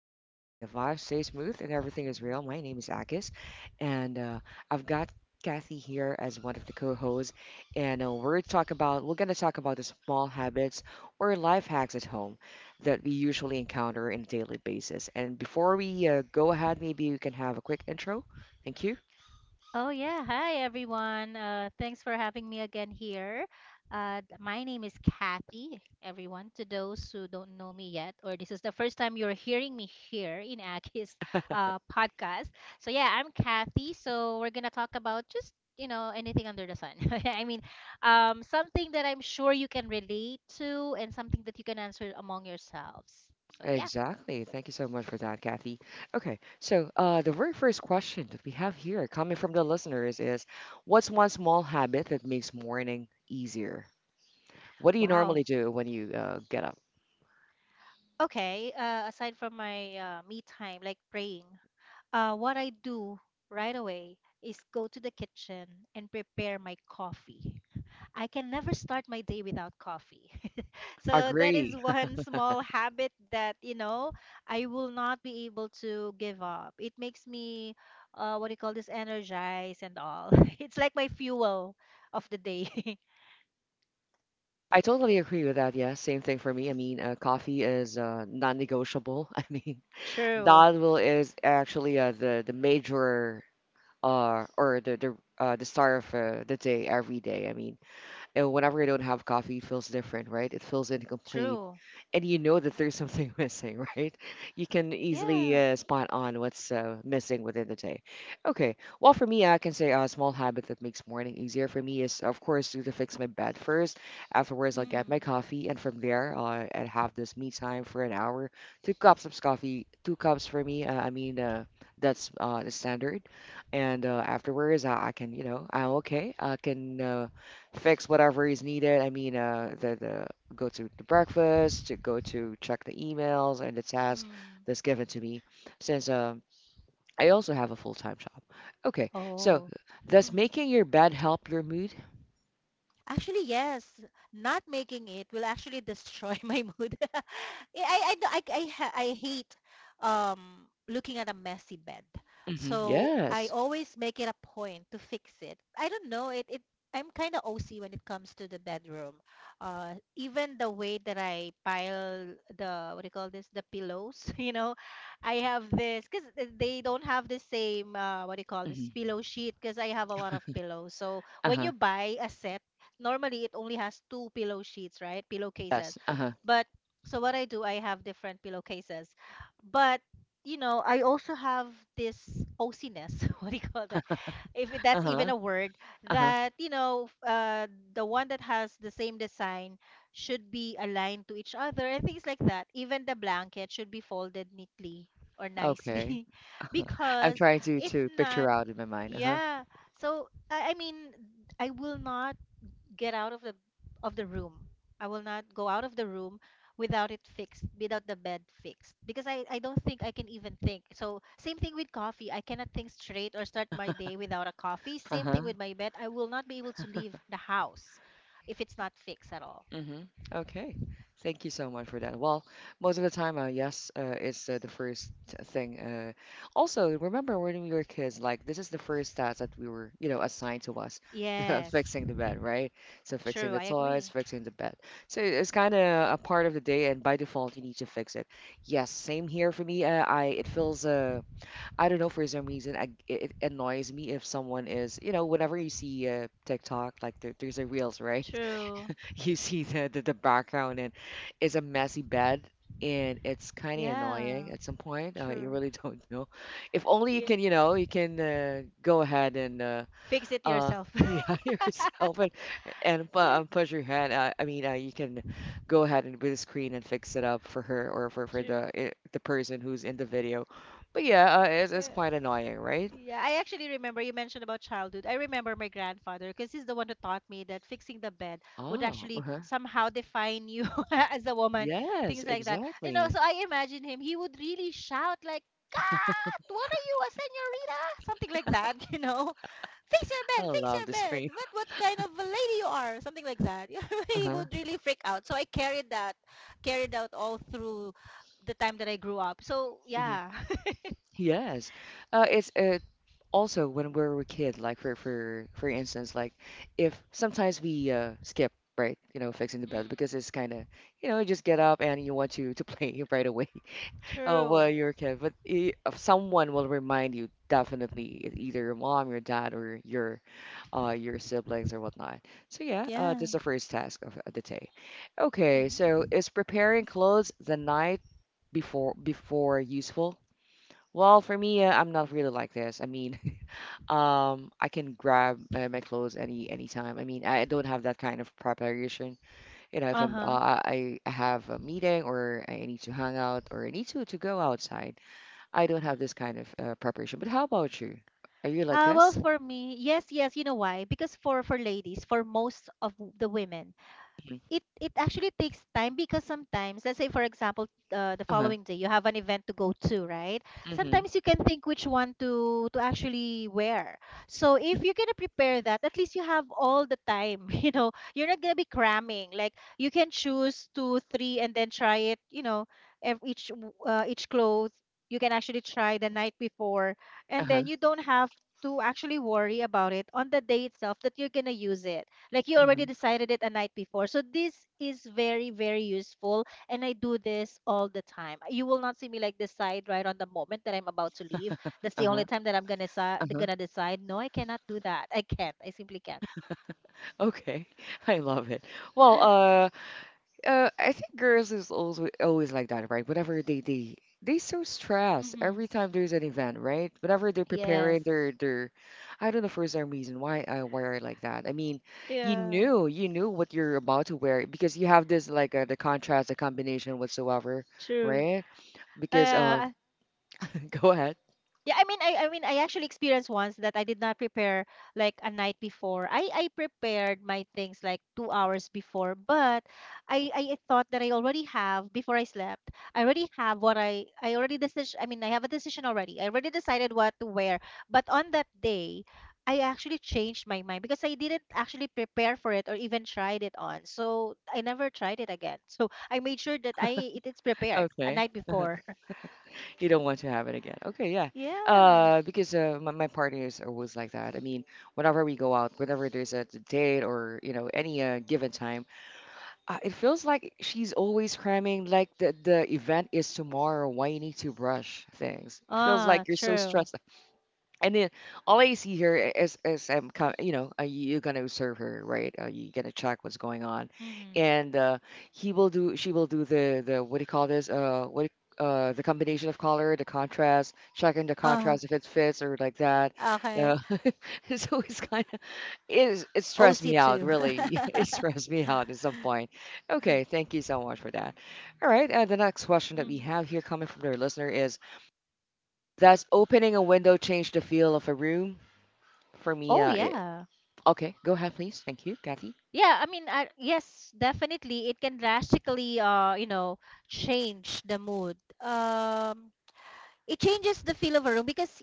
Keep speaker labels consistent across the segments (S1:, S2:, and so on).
S1: flow easy and the vibe stay smooth and everything is real. My name is Akis, and I've got Kathy here as one of the co-hosts, and uh, we're gonna talk about the small habits or life hacks at home that we usually encounter on a daily basis. And before we go ahead, maybe you can have a quick intro. Thank you.
S2: Oh, yeah. Hi, everyone. Thanks for having me again here. My name is Kathy, everyone. To those who don't know me yet, or this is the first time you're hearing me here in Aki's podcast. So, yeah, I'm Kathy. So, we're going to talk about just, you know, anything under the sun. I mean, something that I'm sure you can relate to and something that you can answer among yourselves. So, yeah.
S1: Exactly. Thank you so much for that, Kathy. Okay, so the very first question that we have here coming from the listeners is what's one small habit that makes morning easier? What do you
S2: Wow.
S1: normally do when you get up?
S2: Okay. Aside from my me time, like praying. What I do right away is go to the kitchen and prepare my coffee. I can never start my day without coffee. So that is
S1: Agree.
S2: one small habit that, you know, I will not be able to give up. It makes me, what do you call this, energized and all. It's like my fuel of the day.
S1: I totally agree with that. Yeah, same thing for me. I mean, coffee is non-negotiable. I mean,
S2: True,
S1: that will is actually uh, the major or the the start of the day every day. I mean, and whenever I don't have coffee, it feels different, right? It feels incomplete.
S2: true.
S1: And you know that there's something missing, right? You can easily
S2: Yeah.
S1: spot on what's missing within the day. Okay. Well, for me, I can say a small habit that makes morning easier for me is, of course, to fix my bed first. Afterwards, I'll get my
S2: Mm,
S1: coffee, and from there, I'll have this me time for an hour. Two cups of coffee, two cups for me. That's the standard. And afterwards, I can, you know, I'm okay. I can fix whatever is needed. I mean, the go to the breakfast, to go to check the emails and the task
S2: mm.
S1: that's given to me, since I also have a full time job. Okay, so
S2: Oh.
S1: does making your bed help your mood?
S2: Actually, yes. Not making it will actually destroy my mood. I hate looking at a messy bed. So I
S1: Yes.
S2: always make it a point to fix it. I don't know. It I'm kind of OC when it comes to the bedroom. Even the way that I pile the, what do you call this, the pillows, you know, I have this, because they don't have the same, what do you call this,
S1: hmm
S2: pillow sheet, because I have a lot of pillows. So
S1: Uh
S2: when
S1: huh.
S2: you buy a set, normally it only has two pillow sheets, right? Pillowcases.
S1: Yes. Uh huh.
S2: But so what I do, I have different pillowcases. But you know, I also have this OCness, what do you call that? If it-
S1: Uh
S2: that's even
S1: huh.
S2: a word,
S1: Uh huh.
S2: that, you know, the one that has the same design should be aligned to each other and things like that. Even the blanket should be folded neatly or
S1: Okay.
S2: nicely
S1: I'm
S2: because
S1: trying to
S2: if
S1: picture
S2: not,
S1: out in my mind. Uh huh.
S2: yeah. So I mean, I will not get out of the room. I will not go out of the room without it fixed, without the bed fixed, because I don't think I can even think. So same thing with coffee. I cannot think straight or start my day without a coffee.
S1: Uh
S2: Same
S1: huh.
S2: thing with my bed. I will not be able to leave the house if it's not fixed at all.
S1: Mm-hmm. Okay. Thank you so much for that. Well, most of the time, yes, it's the first thing. Also, remember when we were kids, like this is the first task that we were, you know, assigned to us, the
S2: Yes.
S1: fixing the bed, right? So fixing
S2: True.
S1: the
S2: I
S1: toys,
S2: agree.
S1: fixing the bed. So it's kind of a part of the day, and by default, you need to fix it. Yes, same here for me. I it feels, I don't know, for some reason, I, it annoys me if someone is, you know, whenever you see TikTok, like there's a reels, right?
S2: True.
S1: You see the background and it's a messy bed and it's kind of annoying
S2: Yeah.
S1: at some point, you
S2: True.
S1: really don't know if only you
S2: Yeah.
S1: can, you know, you can go ahead and
S2: Fix it
S1: uh
S2: yourself.
S1: yeah yourself and and pu-
S2: Yeah.
S1: uh, push your hand, I mean, you can go ahead and with the screen and fix it up for her or for
S2: True.
S1: the person who's in the video, but yeah, it's
S2: Yeah.
S1: quite annoying, right?
S2: Yeah, I actually remember you mentioned about childhood. I remember my grandfather because he's the one who taught me that fixing the bed would
S1: Oh,
S2: actually
S1: uh-huh.
S2: somehow define you as a woman,
S1: Yes,
S2: things like that. You know,
S1: exactly.
S2: so I imagine him, he would really shout like, "Cut! What are you, a senorita?" Something like that, you know. Fix your
S1: I
S2: bed, fix
S1: love
S2: your
S1: the
S2: bed.
S1: screen.
S2: What kind of a lady you are? Something like that. He
S1: Uh-huh.
S2: would really freak out. So I carried that, carried out all through the time that I grew up. So
S1: Mm-hmm.
S2: yeah,
S1: Yes. It's Also when we are a kid, like for instance, like if sometimes we skip, right? You know, fixing the bed
S2: Mm.
S1: because it's kind of, you know, you just get up and you want to play right away. Oh, well,
S2: True.
S1: you're a kid, but if someone will remind you definitely, either your mom, your dad, or your siblings or whatnot. So yeah, that's
S2: Yeah.
S1: the first task of the day.
S2: Yeah.
S1: Okay, so is preparing clothes the night before useful? Well, for me, I'm not really like this. I mean, I can grab my clothes anytime. I mean, I don't have that kind of preparation. You know, if I'm
S2: Uh-huh.
S1: uh, I have a meeting or I need to hang out or I need to go outside, I don't have this kind of preparation. But how about you? Are you like
S2: Well,
S1: this?
S2: for me, yes, yes, you know why? Because for ladies, for most of the women,
S1: Mhm.
S2: it actually takes time because sometimes let's say for example the
S1: Uh-huh.
S2: following day you have an event to go to, right?
S1: Mm-hmm.
S2: Sometimes you can think which one to actually wear. So if you're gonna prepare that, at least you have all the time you know, you're not gonna be cramming. Like, you can choose two three and then try it, you know, each clothes you can actually try the night before, and
S1: Uh-huh.
S2: then you don't have to actually worry about it on the day itself that you're gonna use it. Like, you already
S1: Mm-hmm.
S2: decided it a night before. So this is very, very useful, and I do this all the time. You will not see me like decide right on the moment that I'm about to leave. That's the only
S1: Uh-huh.
S2: time that
S1: Uh-huh.
S2: gonna decide. No, I cannot do that. I can't. I simply can't.
S1: Okay. I love it. Well, uh, I think girls is always like that, right? Whenever they so stressed
S2: Mm-hmm.
S1: every time there's an event, right? Whenever they're
S2: Yes.
S1: preparing, they're I don't know for some reason why, why are like that. I mean,
S2: Yeah,
S1: you knew what you're about to wear because you have this like the contrast, the combination whatsoever,
S2: true.
S1: right? Because
S2: I
S1: go ahead.
S2: Yeah, I mean, I actually experienced once that I did not prepare like a night before. I prepared my things like 2 hours before, but I thought that I already have before I slept. I already have what I already decision. I mean, I have a decision already. I already decided what to wear. But on that day, I actually changed my mind because I didn't actually prepare for it or even tried it on. So I never tried it again. So I made sure that I it is prepared a
S1: Okay,
S2: night before.
S1: you don't want to have it again. Okay, yeah.
S2: Yeah.
S1: Because my my partners are always like that. I mean whenever we go out, whenever there's a date or you know any given time, uh, it feels like she's always cramming, like the event is tomorrow. Why you need to rush things? It feels
S2: Ah,
S1: like you're so
S2: true.
S1: stressed. And then all I see here is I'm com, you know, you're gonna observe her, right? You're gonna check what's going on,
S2: Mhm.
S1: and he will do she will do the what do you call this? Uh, the combination of color, the contrast, checking the
S2: Uh-huh.
S1: contrast if it fits or like that. Uh,
S2: Okay.
S1: it's always kind. It is, it stressed me
S2: OC2.
S1: out,
S2: Mhm.
S1: really. It stressed me out at some point. Okay, thank you so much for that. All right, the next question that we have here coming from their listener is, does opening a window change the feel of a room? For me,
S2: Oh yeah.
S1: okay, go ahead, please. Thank you, Kathy.
S2: Yeah, I mean, I, yes, definitely it can drastically you know, change the mood. It changes the feel of a room because,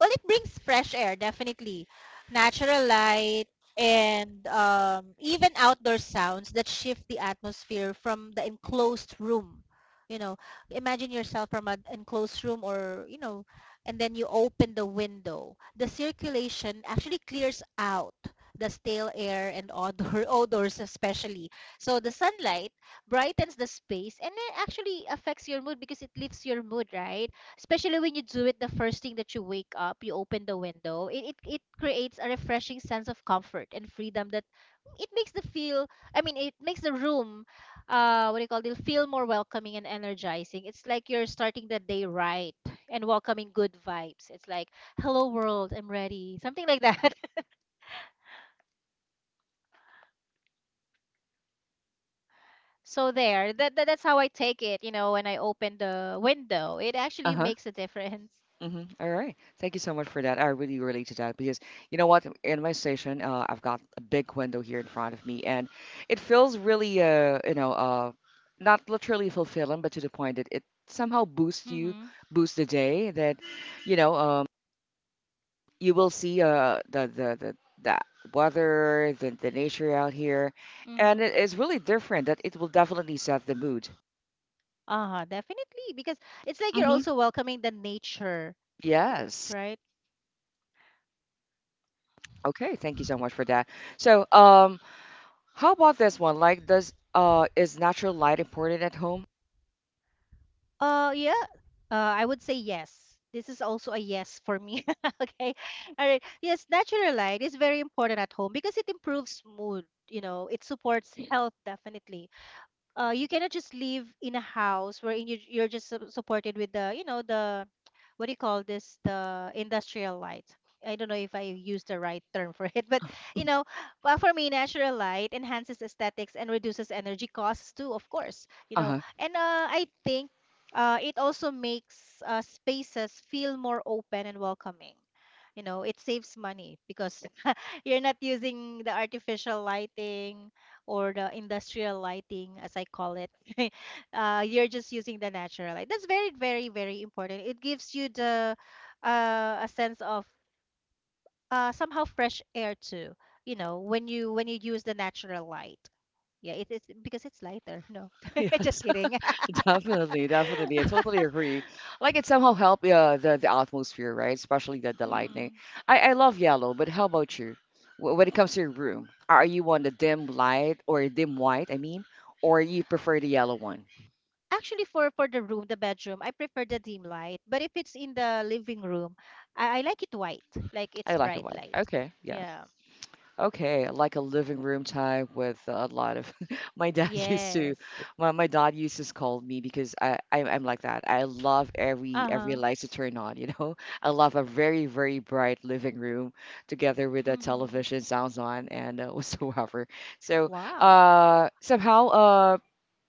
S2: well, it brings fresh air, definitely, natural light, and even outdoor sounds that shift the atmosphere from the enclosed room. You know, imagine yourself from an enclosed room, or, you know, and then you open the window, the circulation actually clears out the stale air and odor odors especially. So the sunlight brightens the space, and it actually affects your mood because it lifts your mood, right? Especially when you do it the first thing that you wake up, you open the window. It creates a refreshing sense of comfort and freedom, that it makes the feel, I mean, it makes the room, uh, what do you call it, feel more welcoming and energizing. It's like you're starting the day right and welcoming good vibes. It's like, hello world, I'm ready, something like that. So there, that's how I take it. You know, when I open the window, it actually
S1: Uh-huh.
S2: makes a difference.
S1: Mm-hmm. All right. Thank you so much for that. I really relate to that because you know what? In my station, I've got a big window here in front of me, and it feels really, you know, not literally fulfilling, but to the point that it somehow boosts you,
S2: Mm-hmm,
S1: boosts the day. That you know, you will see uh, the weather, the nature out here,
S2: mm-hmm.
S1: and it is really different. That it will definitely set the mood.
S2: Uh-huh, definitely. Because it's like you're
S1: Mm-hmm.
S2: also welcoming the nature,
S1: Yes.
S2: right?
S1: Okay. Thank you so much for that. So, um, how about this one? Like, does is natural light important at home?
S2: Yeah. Uh, I would say yes. This is also a yes for me. Okay. All right. Yes, natural light is very important at home because it improves mood, you know, it supports health, definitely. You cannot just live in a house wherein you're just supported with the, you know, the what do you call this, the industrial light. I don't know if I use the right term for it, but, you know, well, for me, natural light enhances aesthetics and reduces energy costs too, of course, you know.
S1: Uh-huh.
S2: And I think it also makes spaces feel more open and welcoming. You know, it saves money because you're not using the artificial lighting or the industrial lighting, as I call it. Uh, you're just using the natural light. That's very, very, very important. It gives you the, a sense of, somehow fresh air too. You know, when you use the natural light. Yeah, it is because it's lighter. No,
S1: Yes,
S2: just kidding.
S1: definitely, definitely. I
S2: Mm-hmm.
S1: totally agree. Like it somehow help the atmosphere, right? Especially the lightning. I love yellow, but how about you? When it comes to your room, are you on the dim light or dim white, I mean, or you prefer the yellow one?
S2: Actually, for the room, the bedroom, I prefer the dim light. But if it's in the living room, I like it white, like
S1: I
S2: it's
S1: like it
S2: bright
S1: white.
S2: light.
S1: Okay, yeah.
S2: Yeah.
S1: Okay, like a living room type with a lot of my dad used to
S2: Yes.
S1: my dad used to scold me because I'm like that. I love every
S2: Uh-huh.
S1: lights to turn on, you know. I love a very bright living room together with the
S2: Mm-hmm.
S1: television sounds on and whatsoever. So
S2: Wow.
S1: somehow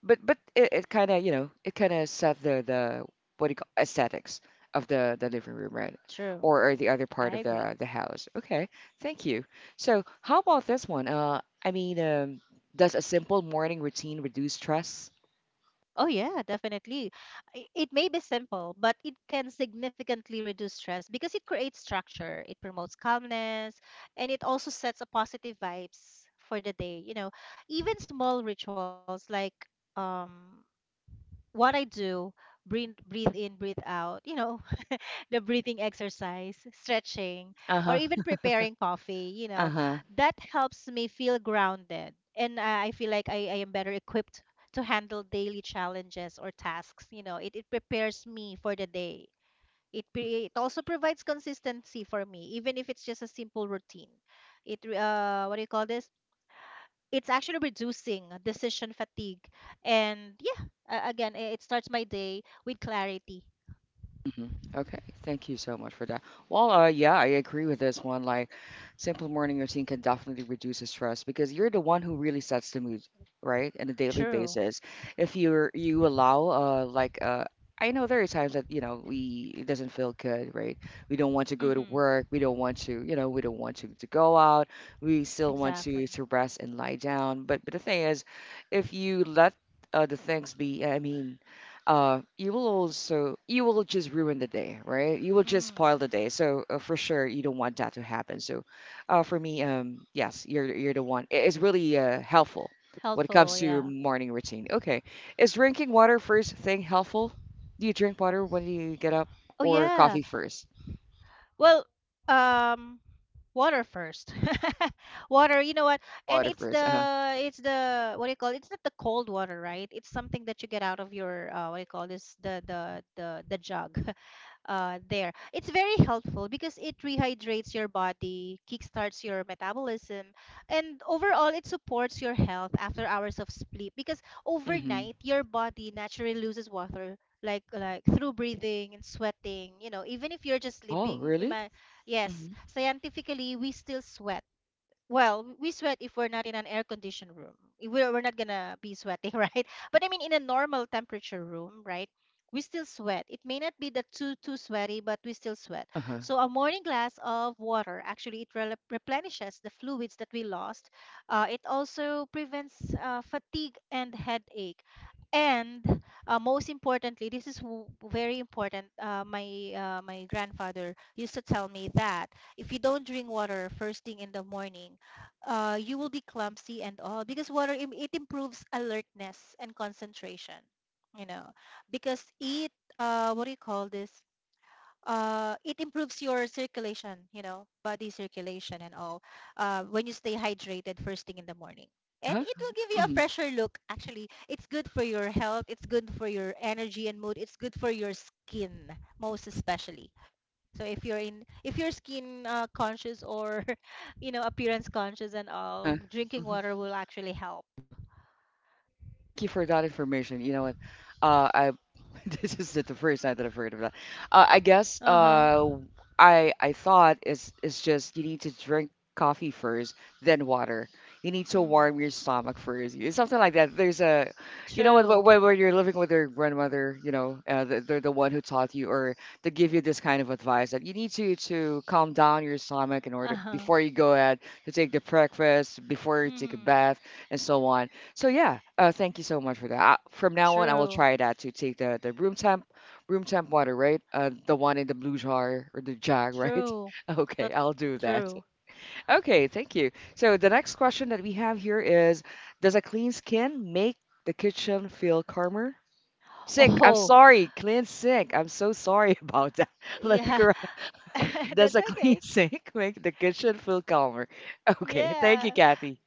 S1: but it kind of, you know, it kind of set the what do you call aesthetics of the living room, right?
S2: True.
S1: Or the other
S2: I
S1: part of
S2: agree.
S1: the house. Okay, thank you. So how about this one? Does a simple morning routine reduce stress?
S2: Oh yeah, definitely. I- It may be simple, but it can significantly reduce stress because it creates structure, it promotes calmness, and it also sets a positive vibes for the day. You know, even small rituals like um what I do, breathe, breathe in, breathe out, you know, the breathing exercise, stretching,
S1: Uh
S2: or
S1: huh.
S2: even preparing coffee, you
S1: Uh
S2: know,
S1: huh.
S2: that helps me feel grounded. And I feel like I am better equipped to handle daily challenges or tasks. You know, it prepares me for the day. It also provides consistency for me, even if it's just a simple routine. What do you call this? It's actually reducing decision fatigue. And yeah, again, it starts my day with clarity.
S1: hmm Okay, thank you so much for that. Well, yeah, I agree with this one. Like, simple morning routine can definitely reduce the stress because you're the one who really sets the mood, right? On a daily
S2: True.
S1: basis. If you're you allow, I know there are times that, you know, we it doesn't feel good, right? We don't want to go to
S2: Mm-hmm.
S1: work. We don't want to, you know, we don't want to go out. We still want to
S2: Exactly.
S1: rest and lie down. But the thing is, if you let the things be, I mean you will also you will just ruin the day, right? You will just spoil
S2: Mm.
S1: the day. So for sure you don't want that to happen. So for me, yes, you're the one. It's really helpful when it comes
S2: Helpful,
S1: to
S2: yeah.
S1: morning routine. Okay, is drinking water first thing helpful? Do you drink water when you get up
S2: Oh
S1: or
S2: yeah.
S1: coffee first?
S2: Well, um water first. Water, you know what?
S1: Oh,
S2: And
S1: water first, uh-huh.
S2: it's the, what do you call it, it's not the cold water, right? It's something that you get out of your, uh, what do you call this, the the jug. Uh, there. It's very helpful because it rehydrates your body, kickstarts your metabolism, and overall, it supports your health after hours of sleep. Because
S1: Mm-hmm.
S2: overnight, your body naturally loses water, like through breathing and sweating. You know, even if you're just
S1: Oh
S2: sleeping,
S1: really.
S2: ima- yes,
S1: Mm-hmm.
S2: scientifically, we still sweat. Well, we sweat if we're not in an air-conditioned room. We're not gonna be sweating, right? But I mean, in a normal temperature room, right? We still sweat. It may not be that too too sweaty, but we still sweat.
S1: Uh-huh.
S2: So a morning glass of water actually it rel replenishes the fluids that we lost. It also prevents fatigue and headache. And Most importantly, this is very important. My grandfather used to tell me that if you don't drink water first thing in the morning, you will be clumsy and all because water it improves alertness and concentration you know because it what do you call this it improves your circulation, you know, body circulation and all when you stay hydrated first thing in the morning, and
S1: Uh-huh.
S2: it will give you a
S1: Mm-hmm.
S2: fresher look. Actually, it's good for your health, it's good for your energy and mood, it's good for your skin most especially. So if you're in if you're skin conscious or appearance conscious and
S1: Uh-huh.
S2: all, drinking
S1: Mm-hmm.
S2: water will actually help.
S1: Thank you for that information. You know what? I this is the first time that I've heard of that. I guess
S2: Uh-huh.
S1: uh, I thought it's just you need to drink coffee first, then water. You need to
S2: Mm.
S1: warm your stomach first. It's something like that. There's a, you know what? wh-
S2: True.
S1: When, when you're living with your grandmother, they're the one who taught you or to give you this kind of advice that you need to calm down your stomach in order
S2: Uh-huh.
S1: before you go ahead to take the breakfast, before you take a
S2: Mm.
S1: bath, and so on. So yeah, thank you so much for that. I, from now on, I will
S2: True.
S1: try that to take the room temp water, right? The one in the blue jar or the jug, right?
S2: True.
S1: Okay,
S2: That
S1: I'll do that.
S2: true.
S1: Okay, thank you. So the next question that we have here is, does a clean skin make the kitchen feel calmer? Sink. I'm
S2: Oh,
S1: sorry, clean sink. I'm so sorry about that. Let me
S2: yeah.
S1: correct. Does
S2: That's
S1: a clean
S2: okay.
S1: sink make the kitchen feel calmer? Okay, thank you,
S2: Yeah.
S1: Kathy.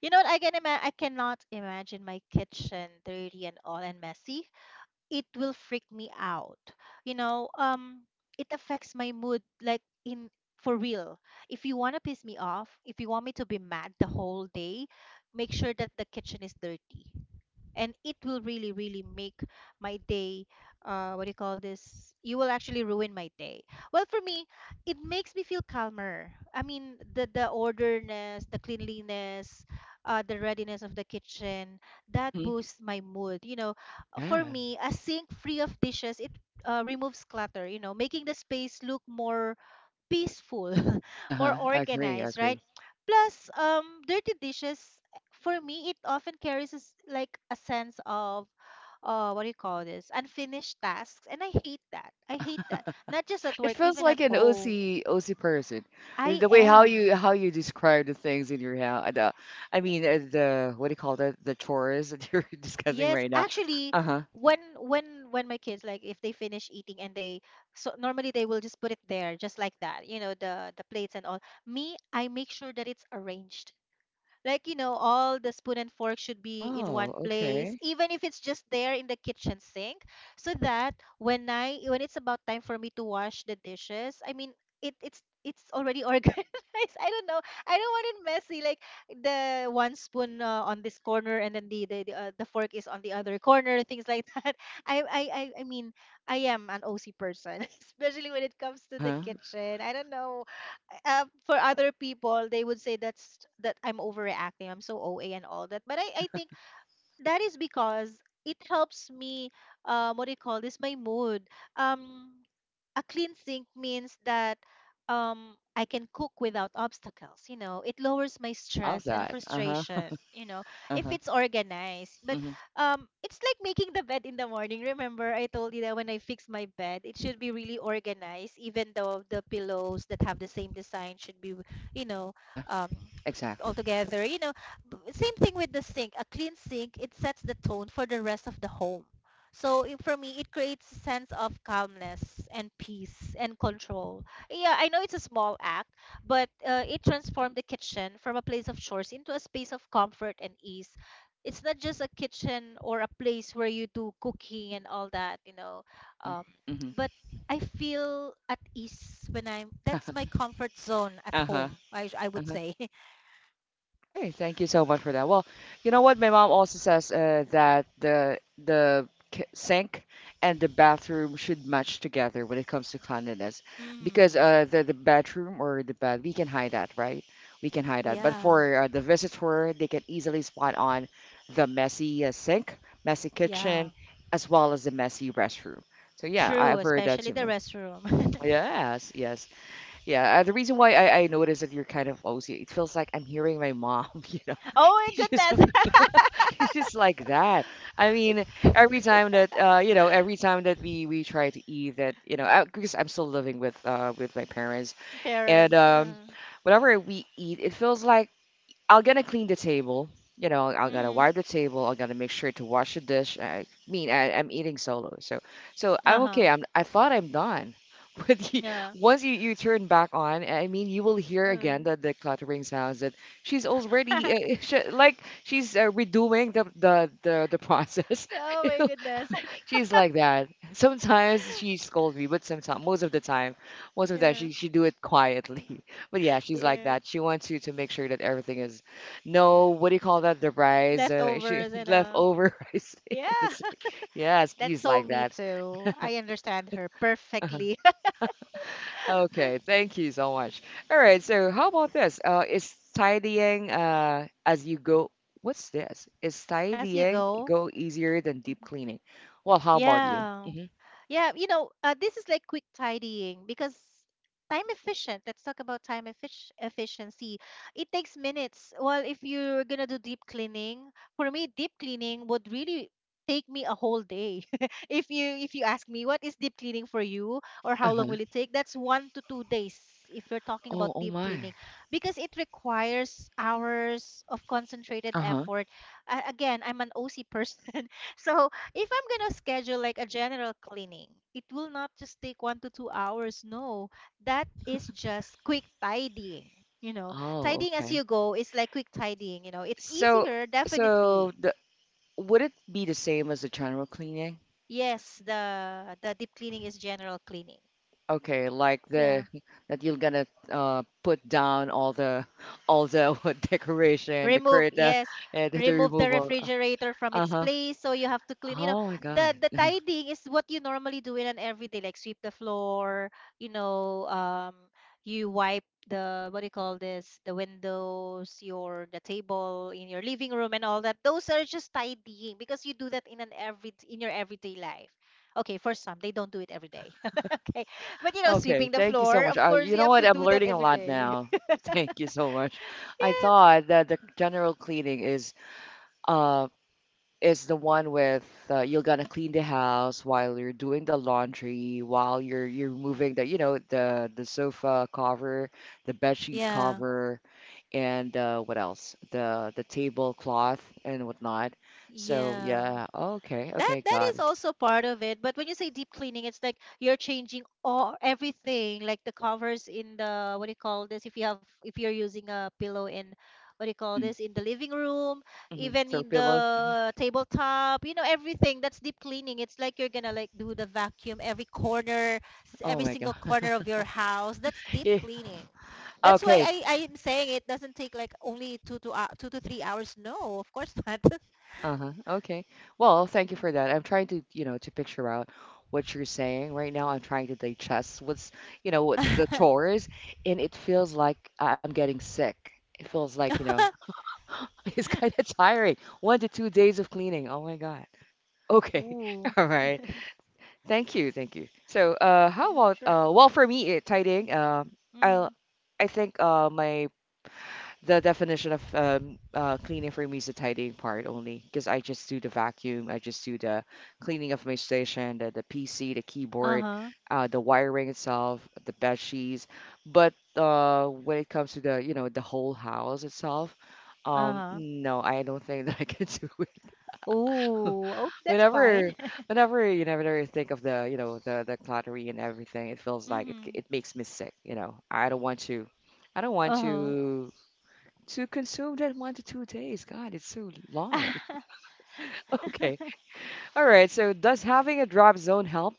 S2: You know what? I cannot imagine my kitchen dirty and all and messy. It will freak me out. You know, it affects my mood, like in for real. If you want to piss me off, if you want me to be mad the whole day, make sure that the kitchen is dirty, and it will really really make my day, what do you call this you will actually ruin my day. Well, for me, it makes me feel calmer. I mean, the orderness, the cleanliness, the readiness of the kitchen, that
S1: Mm-hmm.
S2: boosts my mood.
S1: Yeah.
S2: For me, a sink free of dishes, it removes clutter, you know, making the space look more peaceful, more
S1: Uh-huh. I agree. I
S2: organized,
S1: agree.
S2: right? Plus, dirty dishes, for me, it often carries like a sense of what do you call this unfinished tasks, and I hate that. I hate that. Not just at
S1: It
S2: work,
S1: feels
S2: even at
S1: like an
S2: home.
S1: OC person.
S2: I
S1: The way
S2: am.
S1: how you describe the things in your house. The, I mean The what do you call that? The chores that you're discussing
S2: Yes,
S1: right now.
S2: actually,
S1: Uh huh.
S2: when when when my kids, like, if they finish eating and they, so normally they will just put it there just like that, you know, the plates and all. Me, I make sure that it's arranged. Like, you know, all the spoon and fork should be in one
S1: Oh,
S2: place,
S1: okay.
S2: even if it's just there in the kitchen sink, so that when it's about time for me to wash the dishes, I mean, it's already organized. I don't know. I don't want it messy, like the one spoon on this corner, and then the fork is on the other corner, things like that. I mean, I am an OC person, especially when it comes to
S1: Uh
S2: the
S1: huh.
S2: kitchen. I don't know for other people, they would say that I'm overreacting. I'm so OA and all that. But I think that is because it helps me. What do you call this? My mood. Um, a clean sink means that I can cook without obstacles, you know. It lowers my
S1: Love
S2: stress and
S1: that. Uh huh.
S2: frustration, you know,
S1: Uh
S2: if
S1: huh.
S2: it's organized. But
S1: Hmm.
S2: it's like making the bed in the morning. Remember I told you that when I fix my bed, it should be really organized, even though the pillows that have the same design should be, you know,
S1: Uh huh.
S2: um all
S1: Exactly.
S2: together, you know. Same thing with the sink. A clean sink, it sets the tone for the rest of the home, so for me, it creates a sense of calmness and peace and control. Yeah, I know it's a small act, but it transformed the kitchen from a place of chores into a space of comfort and ease. It's not just a kitchen or a place where you do cooking and all that, you know.
S1: Hmm.
S2: Um,
S1: Hmm.
S2: but I feel at ease when I'm.
S1: Uh
S2: That's
S1: huh.
S2: my comfort zone at
S1: Uh huh.
S2: home, I would say.
S1: Okay, thank you so much for that. Well, you know what? My mom also says that the sink and the bathroom should match together when it comes to cleanliness, because
S2: Mm,
S1: the bedroom or the bed we can hide that, right? We can hide that. But
S2: yeah,
S1: for the visitor, they can easily spot on the messy sink, messy
S2: yeah.
S1: kitchen, as well as the messy restroom. So yeah,
S2: True,
S1: I've heard that
S2: especially
S1: too,
S2: the
S1: ma'am.
S2: restroom.
S1: Yes, yes. Yeah, the reason why I noticed that you're kind of OC, it feels like I'm hearing my mom, you know.
S2: Oh
S1: She's just
S2: my goodness.
S1: she's just like that. I
S2: If-
S1: mean, every time that every time that we try to eat that, you know, I, because I'm still living with with my parents, and
S2: Parents.
S1: whenever we eat, it feels like I'm gonna clean the table. You know, I'm gonna
S2: Mm,
S1: wipe the table. I got to make sure to wash the dish. I mean, I, I'm eating solo, so so I'm
S2: uh-huh.
S1: okay. I'm I thought I'm done, but you,
S2: Yeah.
S1: once you turn back on, I mean, you will hear
S2: Uh.
S1: again the cluttering sounds that she's already she's redoing the process.
S2: Oh my goodness.
S1: She's like that. Sometimes she scolds me, but sometimes, most of the time
S2: Yeah.
S1: she do it quietly. But yeah, she's like
S2: Yeah.
S1: that. She wants you to make sure that everything is, no, what do you call that? The rice, she
S2: Leftovers and uh,
S1: leftover rice.
S2: yeah.
S1: That's— Yes,
S2: That's
S1: he's
S2: so
S1: like
S2: me
S1: that.
S2: too. I understand her perfectly.
S1: Okay, thank you so much. All right, so how about this? Is tidying as you go? What's this? Is
S2: As you
S1: tidying
S2: go.
S1: go easier than
S2: Mhm.
S1: deep cleaning? Well, how about you?
S2: Yeah.
S1: Hmm.
S2: Yeah, you know, this is like quick tidying because time efficient. Let's talk about time efficiency. It takes minutes. Well, if you're gonna do deep cleaning, for me, deep cleaning would really take me a whole day. If you ask me what is deep cleaning for you or how long
S1: Uh-huh.
S2: will it take, that's 1 to 2 days if you're talking about
S1: Oh, oh
S2: deep
S1: my.
S2: cleaning, because it requires hours of concentrated
S1: Uh-huh.
S2: effort. Again, I'm an OC person. So if I'm gonna schedule like a general cleaning, it will not just take 1 to 2 hours. No, that is just quick tidying. You know,
S1: Oh,
S2: tidying as
S1: okay.
S2: you go is like quick tidying. You know, it's
S1: So,
S2: easier,
S1: so
S2: definitely.
S1: the, would it be the same as the general cleaning?
S2: Yes, the deep cleaning is general cleaning.
S1: Okay, like the
S2: Yeah.
S1: that you're gonna put down all the what, decoration, the
S2: Remove,
S1: curtain,
S2: yes,
S1: and the
S2: remove the
S1: removal.
S2: refrigerator from its
S1: Uh-huh.
S2: place, so you have to clean, you know,
S1: Oh my God.
S2: the tidying is what you normally do in an everyday, like sweep the floor, you know. You wipe the what do you call this the windows, your the table in your living room and all that. Those are just tidying, because you do that in an every in your everyday life. Okay, for some, they don't do it every day. Okay. But you know,
S1: Okay,
S2: sweeping the
S1: thank you so
S2: floor,
S1: much.
S2: of course
S1: You
S2: you
S1: know
S2: have
S1: what?
S2: to
S1: I'm
S2: do that
S1: learning a
S2: every
S1: lot
S2: day.
S1: now. Thank you so much. I
S2: Yeah.
S1: thought that the general cleaning is um is the one with you're gonna clean the house while you're doing the laundry, while you're moving the you know the sofa cover, the bed sheet
S2: Yeah.
S1: cover, and what else? The tablecloth and whatnot. So
S2: Yeah.
S1: yeah, okay,
S2: That
S1: okay,
S2: that
S1: got
S2: is
S1: it.
S2: also part of it. But when you say deep cleaning, it's like you're changing all everything, like the covers in the what do you call this? If you have if you're using a pillow in what do you call
S1: Hmm.
S2: this in the living room,
S1: Hmm.
S2: even
S1: Throw
S2: in
S1: pillow.
S2: the tabletop, you know, everything. That's deep cleaning. It's like you're gonna like do the vacuum every corner,
S1: Oh
S2: every
S1: my
S2: single
S1: God.
S2: corner of your house. That's deep
S1: Yeah.
S2: cleaning. That's why
S1: Okay,
S2: I am saying it doesn't take like only 2 to 3 hours. No, of course not.
S1: Uh, uh-huh. Okay. Well, thank you for that. I'm trying to, you know, to picture out what you're saying right now. I'm trying to digest what's, you know, what the chores, and it feels like I- I'm getting sick. It feels like, you know, it's kind of tiring. 1 to 2 days of cleaning. Oh my God. Okay.
S2: Ooh,
S1: All right. Thank you. Thank you. So, how
S2: mm,
S1: about,
S2: sure.
S1: well, for me, it tidying. I'll,
S2: Mm-hmm.
S1: I think, my the definition of cleaning for me is the tidying part only because I just do the vacuum, I just do the cleaning of my station, the PC, the keyboard,
S2: Uh-huh.
S1: the wiring itself, the bed sheets. But when it comes to the you know the whole house itself,
S2: Uh-huh.
S1: no, I don't think that I can do it.
S2: Ooh, oh, that's
S1: Whenever,
S2: fine.
S1: whenever you never think of the you know the cluttery and everything, it feels like it
S2: Mm-hmm.
S1: it makes me sick. You know, I don't want to. I don't want
S2: Uh-huh.
S1: to consume that 1 to 2 days. God, it's so long. Okay. All right. So does having a drop zone help?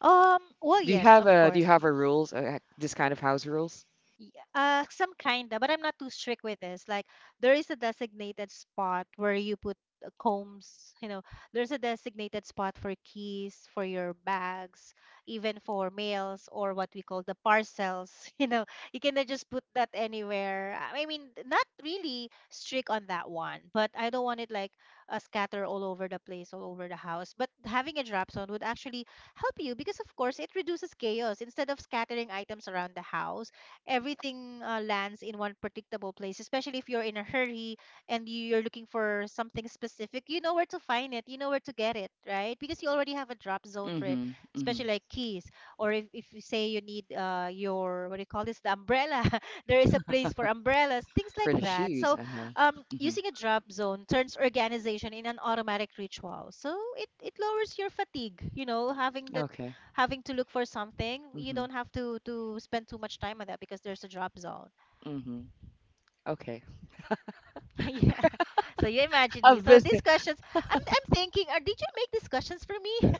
S2: Well,
S1: Do you
S2: yes,
S1: have
S2: of
S1: a do you
S2: course.
S1: have a rules this kind of house rules.
S2: Y- some kinda, but I'm not too strict with this. Like, there is a designated spot where you put combs, you know, there's a designated spot for keys, for your bags, even for mails, or what we call the parcels. You know, you cannot just put that anywhere. I mean, not really strict on that one, but I don't want it like a scatter all over the place, all over the house. But having a drop zone would actually help you because, of course, it reduces chaos. Instead of scattering items around the house, everything lands in one predictable place, especially if you're in a hurry and you're looking for something specific. You know where to find it, you know where to get it, right? Because you already have a drop zone for it,
S1: Mm-hmm. Mm-hmm.
S2: especially like keys. Or if you say you need your, what do you call this, the umbrella, there is a place for umbrellas, things
S1: For
S2: like
S1: the
S2: that.
S1: shoes?
S2: So
S1: Uh-huh. Mm-hmm.
S2: using a drop zone turns organization in an automatic ritual. So it lowers your fatigue, you know, having that
S1: Okay.
S2: having to look for something. You
S1: Mm-hmm.
S2: don't have to spend too much time on that because there's a drop zone.
S1: Mm-hmm. Okay.
S2: Yeah. So you imagine me.
S1: I've
S2: So
S1: been,
S2: these questions, I'm thinking, are, did you make these questions for me?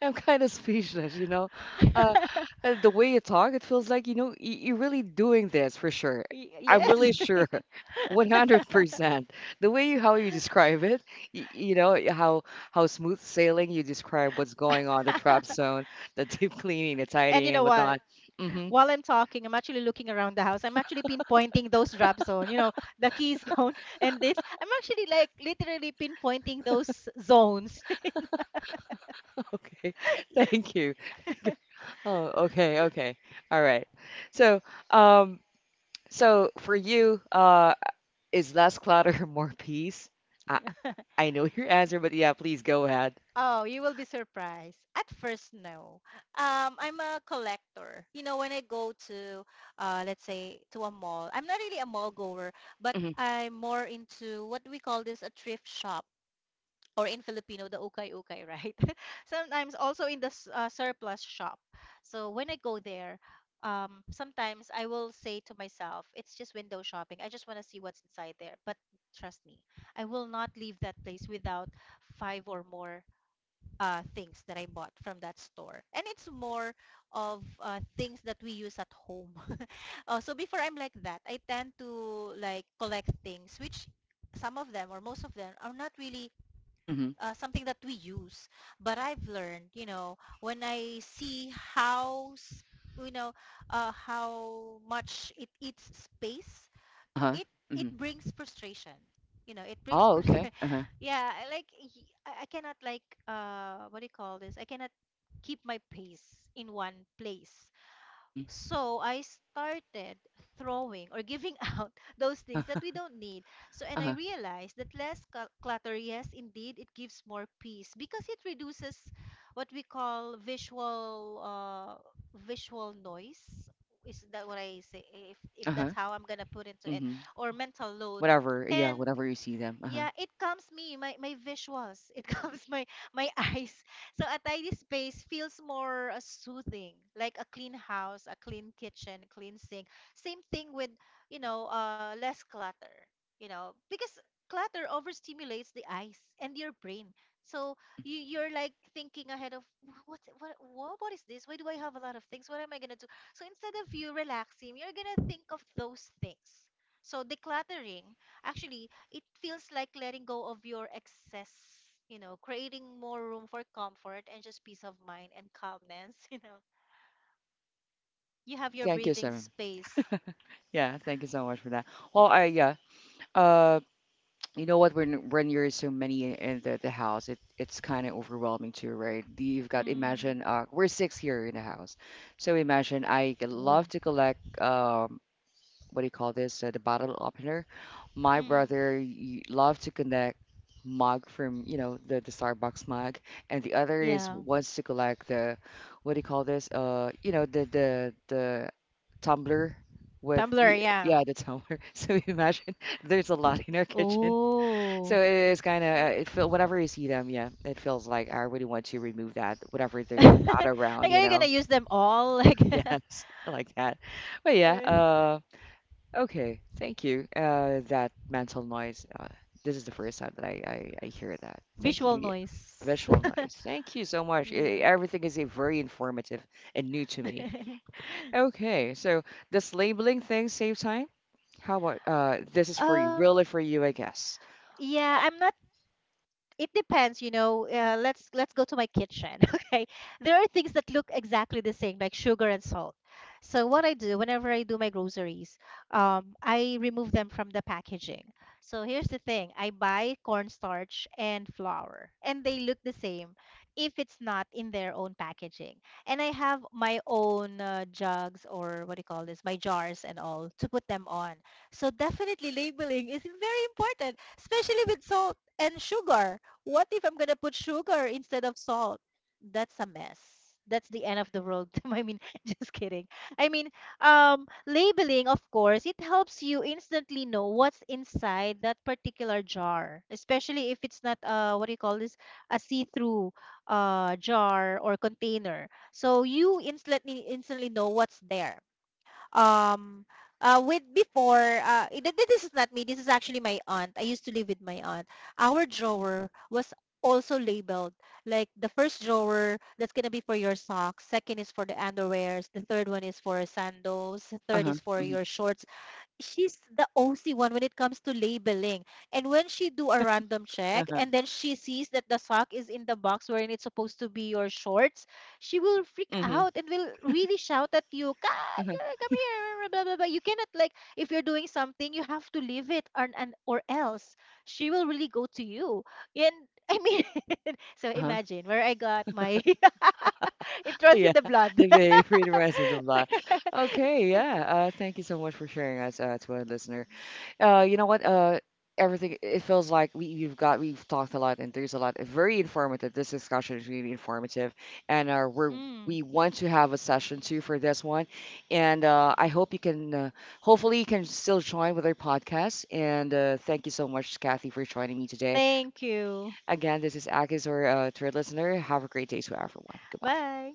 S1: I'm kind of speechless, you know. Uh, the way you talk, it feels like, you know, you're really doing this for sure. I'm
S2: Yes.
S1: really sure, 100%. The way you, how you describe it, you know, how smooth sailing you describe what's going on, the trap zone, the deep cleaning, the
S2: And you
S1: tidying and
S2: know what?
S1: whatnot. Mm-hmm.
S2: While I'm talking, I'm actually looking around the house. I'm actually pinpointing those drop zone, you know, the key zone, and this. I'm actually like literally pinpointing those zones.
S1: Okay. Thank you. Oh, okay, okay. All right. So, um, so for you, is less clutter more peace? I, I know your answer, but yeah, please go ahead.
S2: Oh, you will be surprised. At first, no. I'm a collector. You know, when I go to, let's say, to a mall, I'm not really a mall goer, but
S1: Mm-hmm.
S2: I'm more into what we call this a thrift shop, or in Filipino, the ukay ukay, right? Sometimes also in the surplus shop. So when I go there, sometimes I will say to myself, it's just window shopping. I just want to see what's inside there. But trust me, I will not leave that place without five or more things that I bought from that store. And it's more of things that we use at home. So before, I'm like that. I tend to like collect things which some of them or most of them are not really
S1: Mm-hmm.
S2: something that we use. But I've learned, when I see how, you know, how much it eats space.
S1: Uh-huh.
S2: It it
S1: Mm-hmm.
S2: brings frustration. you know it brings
S1: Oh,
S2: fr-
S1: okay. Uh-huh.
S2: yeah, I cannot, like, what do you call this, I cannot keep my pace in one place.
S1: Mm-hmm.
S2: So I started throwing or giving out those things
S1: Uh-huh.
S2: that we don't need. So, and I
S1: Uh-huh.
S2: realized that less clutter, yes, indeed, it gives more peace because it reduces what we call visual noise. Is that what I say? If
S1: Uh-huh.
S2: that's how I'm gonna put into it,
S1: Mm-hmm.
S2: or mental load.
S1: Whatever. Yeah,
S2: And
S1: whatever you see them. Uh-huh.
S2: yeah, it calms me, my visuals. It calms my eyes. So a tidy space feels more soothing, like a clean house, a clean kitchen, clean sink. Same thing with, less clutter, because clutter overstimulates the eyes and your brain. So
S1: Mm-hmm.
S2: you're like thinking ahead of, "What is this? Why do I have a lot of things? What am I gonna do?" So instead of you relaxing, you're gonna think of those things. So decluttering actually, it feels like letting go of your excess, creating more room for comfort and just peace of mind and calmness. you know. You have
S1: Hey,
S2: your
S1: thank you,
S2: breathing
S1: Simon.
S2: space.
S1: Yeah, thank you so much for that. Well, I yeah. Uh, you know what? When you're so many in the house, it it's kind of overwhelming too, right? You've got
S2: Mm.
S1: imagine we're six here in the house, so imagine I
S2: Oh.
S1: love to collect what do you call this? The bottle opener. My
S2: Mm.
S1: brother loved to collect mug from, you know, the Starbucks mug, and the other is
S2: Yeah.
S1: wants to collect the, what do you call this? You know, the tumbler with
S2: Tumblr, yeah.
S1: yeah the tumbler so imagine there's a lot in our kitchen
S2: Oh.
S1: so it is kind of it feel whenever you see them yeah it feels like I really want to remove that whenever they're not around
S2: Like,
S1: you
S2: are you gonna
S1: know.
S2: use them all? Like,
S1: Yes, I like that, but yeah
S2: Yeah.
S1: okay, thank you. That mental noise. This is the first time that I hear that. Thank
S2: Visual
S1: you, yeah.
S2: noise.
S1: Visual noise. Thank you so much. Eh,
S2: Yeah.
S1: everything is eh, very informative and new to me. Okay, so does labeling things save time? How about this is for you,
S2: Um,
S1: really for you, I guess.
S2: yeah, I'm not, it depends, let's go to my kitchen. Okay, there are things that look exactly the same, like sugar and salt. So what I do whenever I do my groceries, I remove them from the packaging. So here's the thing, I buy cornstarch and flour and they look the same if it's not in their own packaging. And I have my own jugs, or what do you call this, my jars, and all, to put them on. So definitely, labeling is very important, especially with salt and sugar. What if I'm gonna put sugar instead of salt? That's a mess. That's the end of the world. I mean, just kidding. I mean, labeling, of course, it helps you instantly know what's inside that particular jar, especially if it's not, what do you call this, a see-through jar or container. So you instantly know what's there. um with before it, th- this is not me, this is actually my aunt. I used to live with my aunt. Our drawer was also labeled, like the first drawer that's going to be for your socks, second is for the underwears, the third one is for sandals, the third
S1: Uh-huh.
S2: is for
S1: Mhm.
S2: your shorts. She's the OC one when it comes to labeling. And when she do a random check
S1: Uh-huh.
S2: and then she sees that the sock is in the box wherein it's supposed to be your shorts, she will freak
S1: Mhm.
S2: out and will really shout at you, "God,
S1: Uh-huh.
S2: girl, come here, blah, blah, blah." You cannot, like, if you're doing something, you have to leave it, or, and, or else she will really go to you. And I mean, so
S1: Uh-huh.
S2: imagine where I got my, it runs
S1: Yeah,
S2: in the blood.
S1: the behavior reminds me of that. Okay, yeah. Thank you so much for sharing us to our listener. You know what? Everything it feels like we you've got we've talked a lot and there's a lot very informative. This discussion is really informative, and we're
S2: Mm.
S1: we want to have a session too for this one, and I hope you can. Hopefully, you can still join with our podcast. And thank you so much, Kathy, for joining me today.
S2: Thank you.
S1: Again, this is Akis, or to our listener. Have a great day to everyone. Goodbye.
S2: Bye.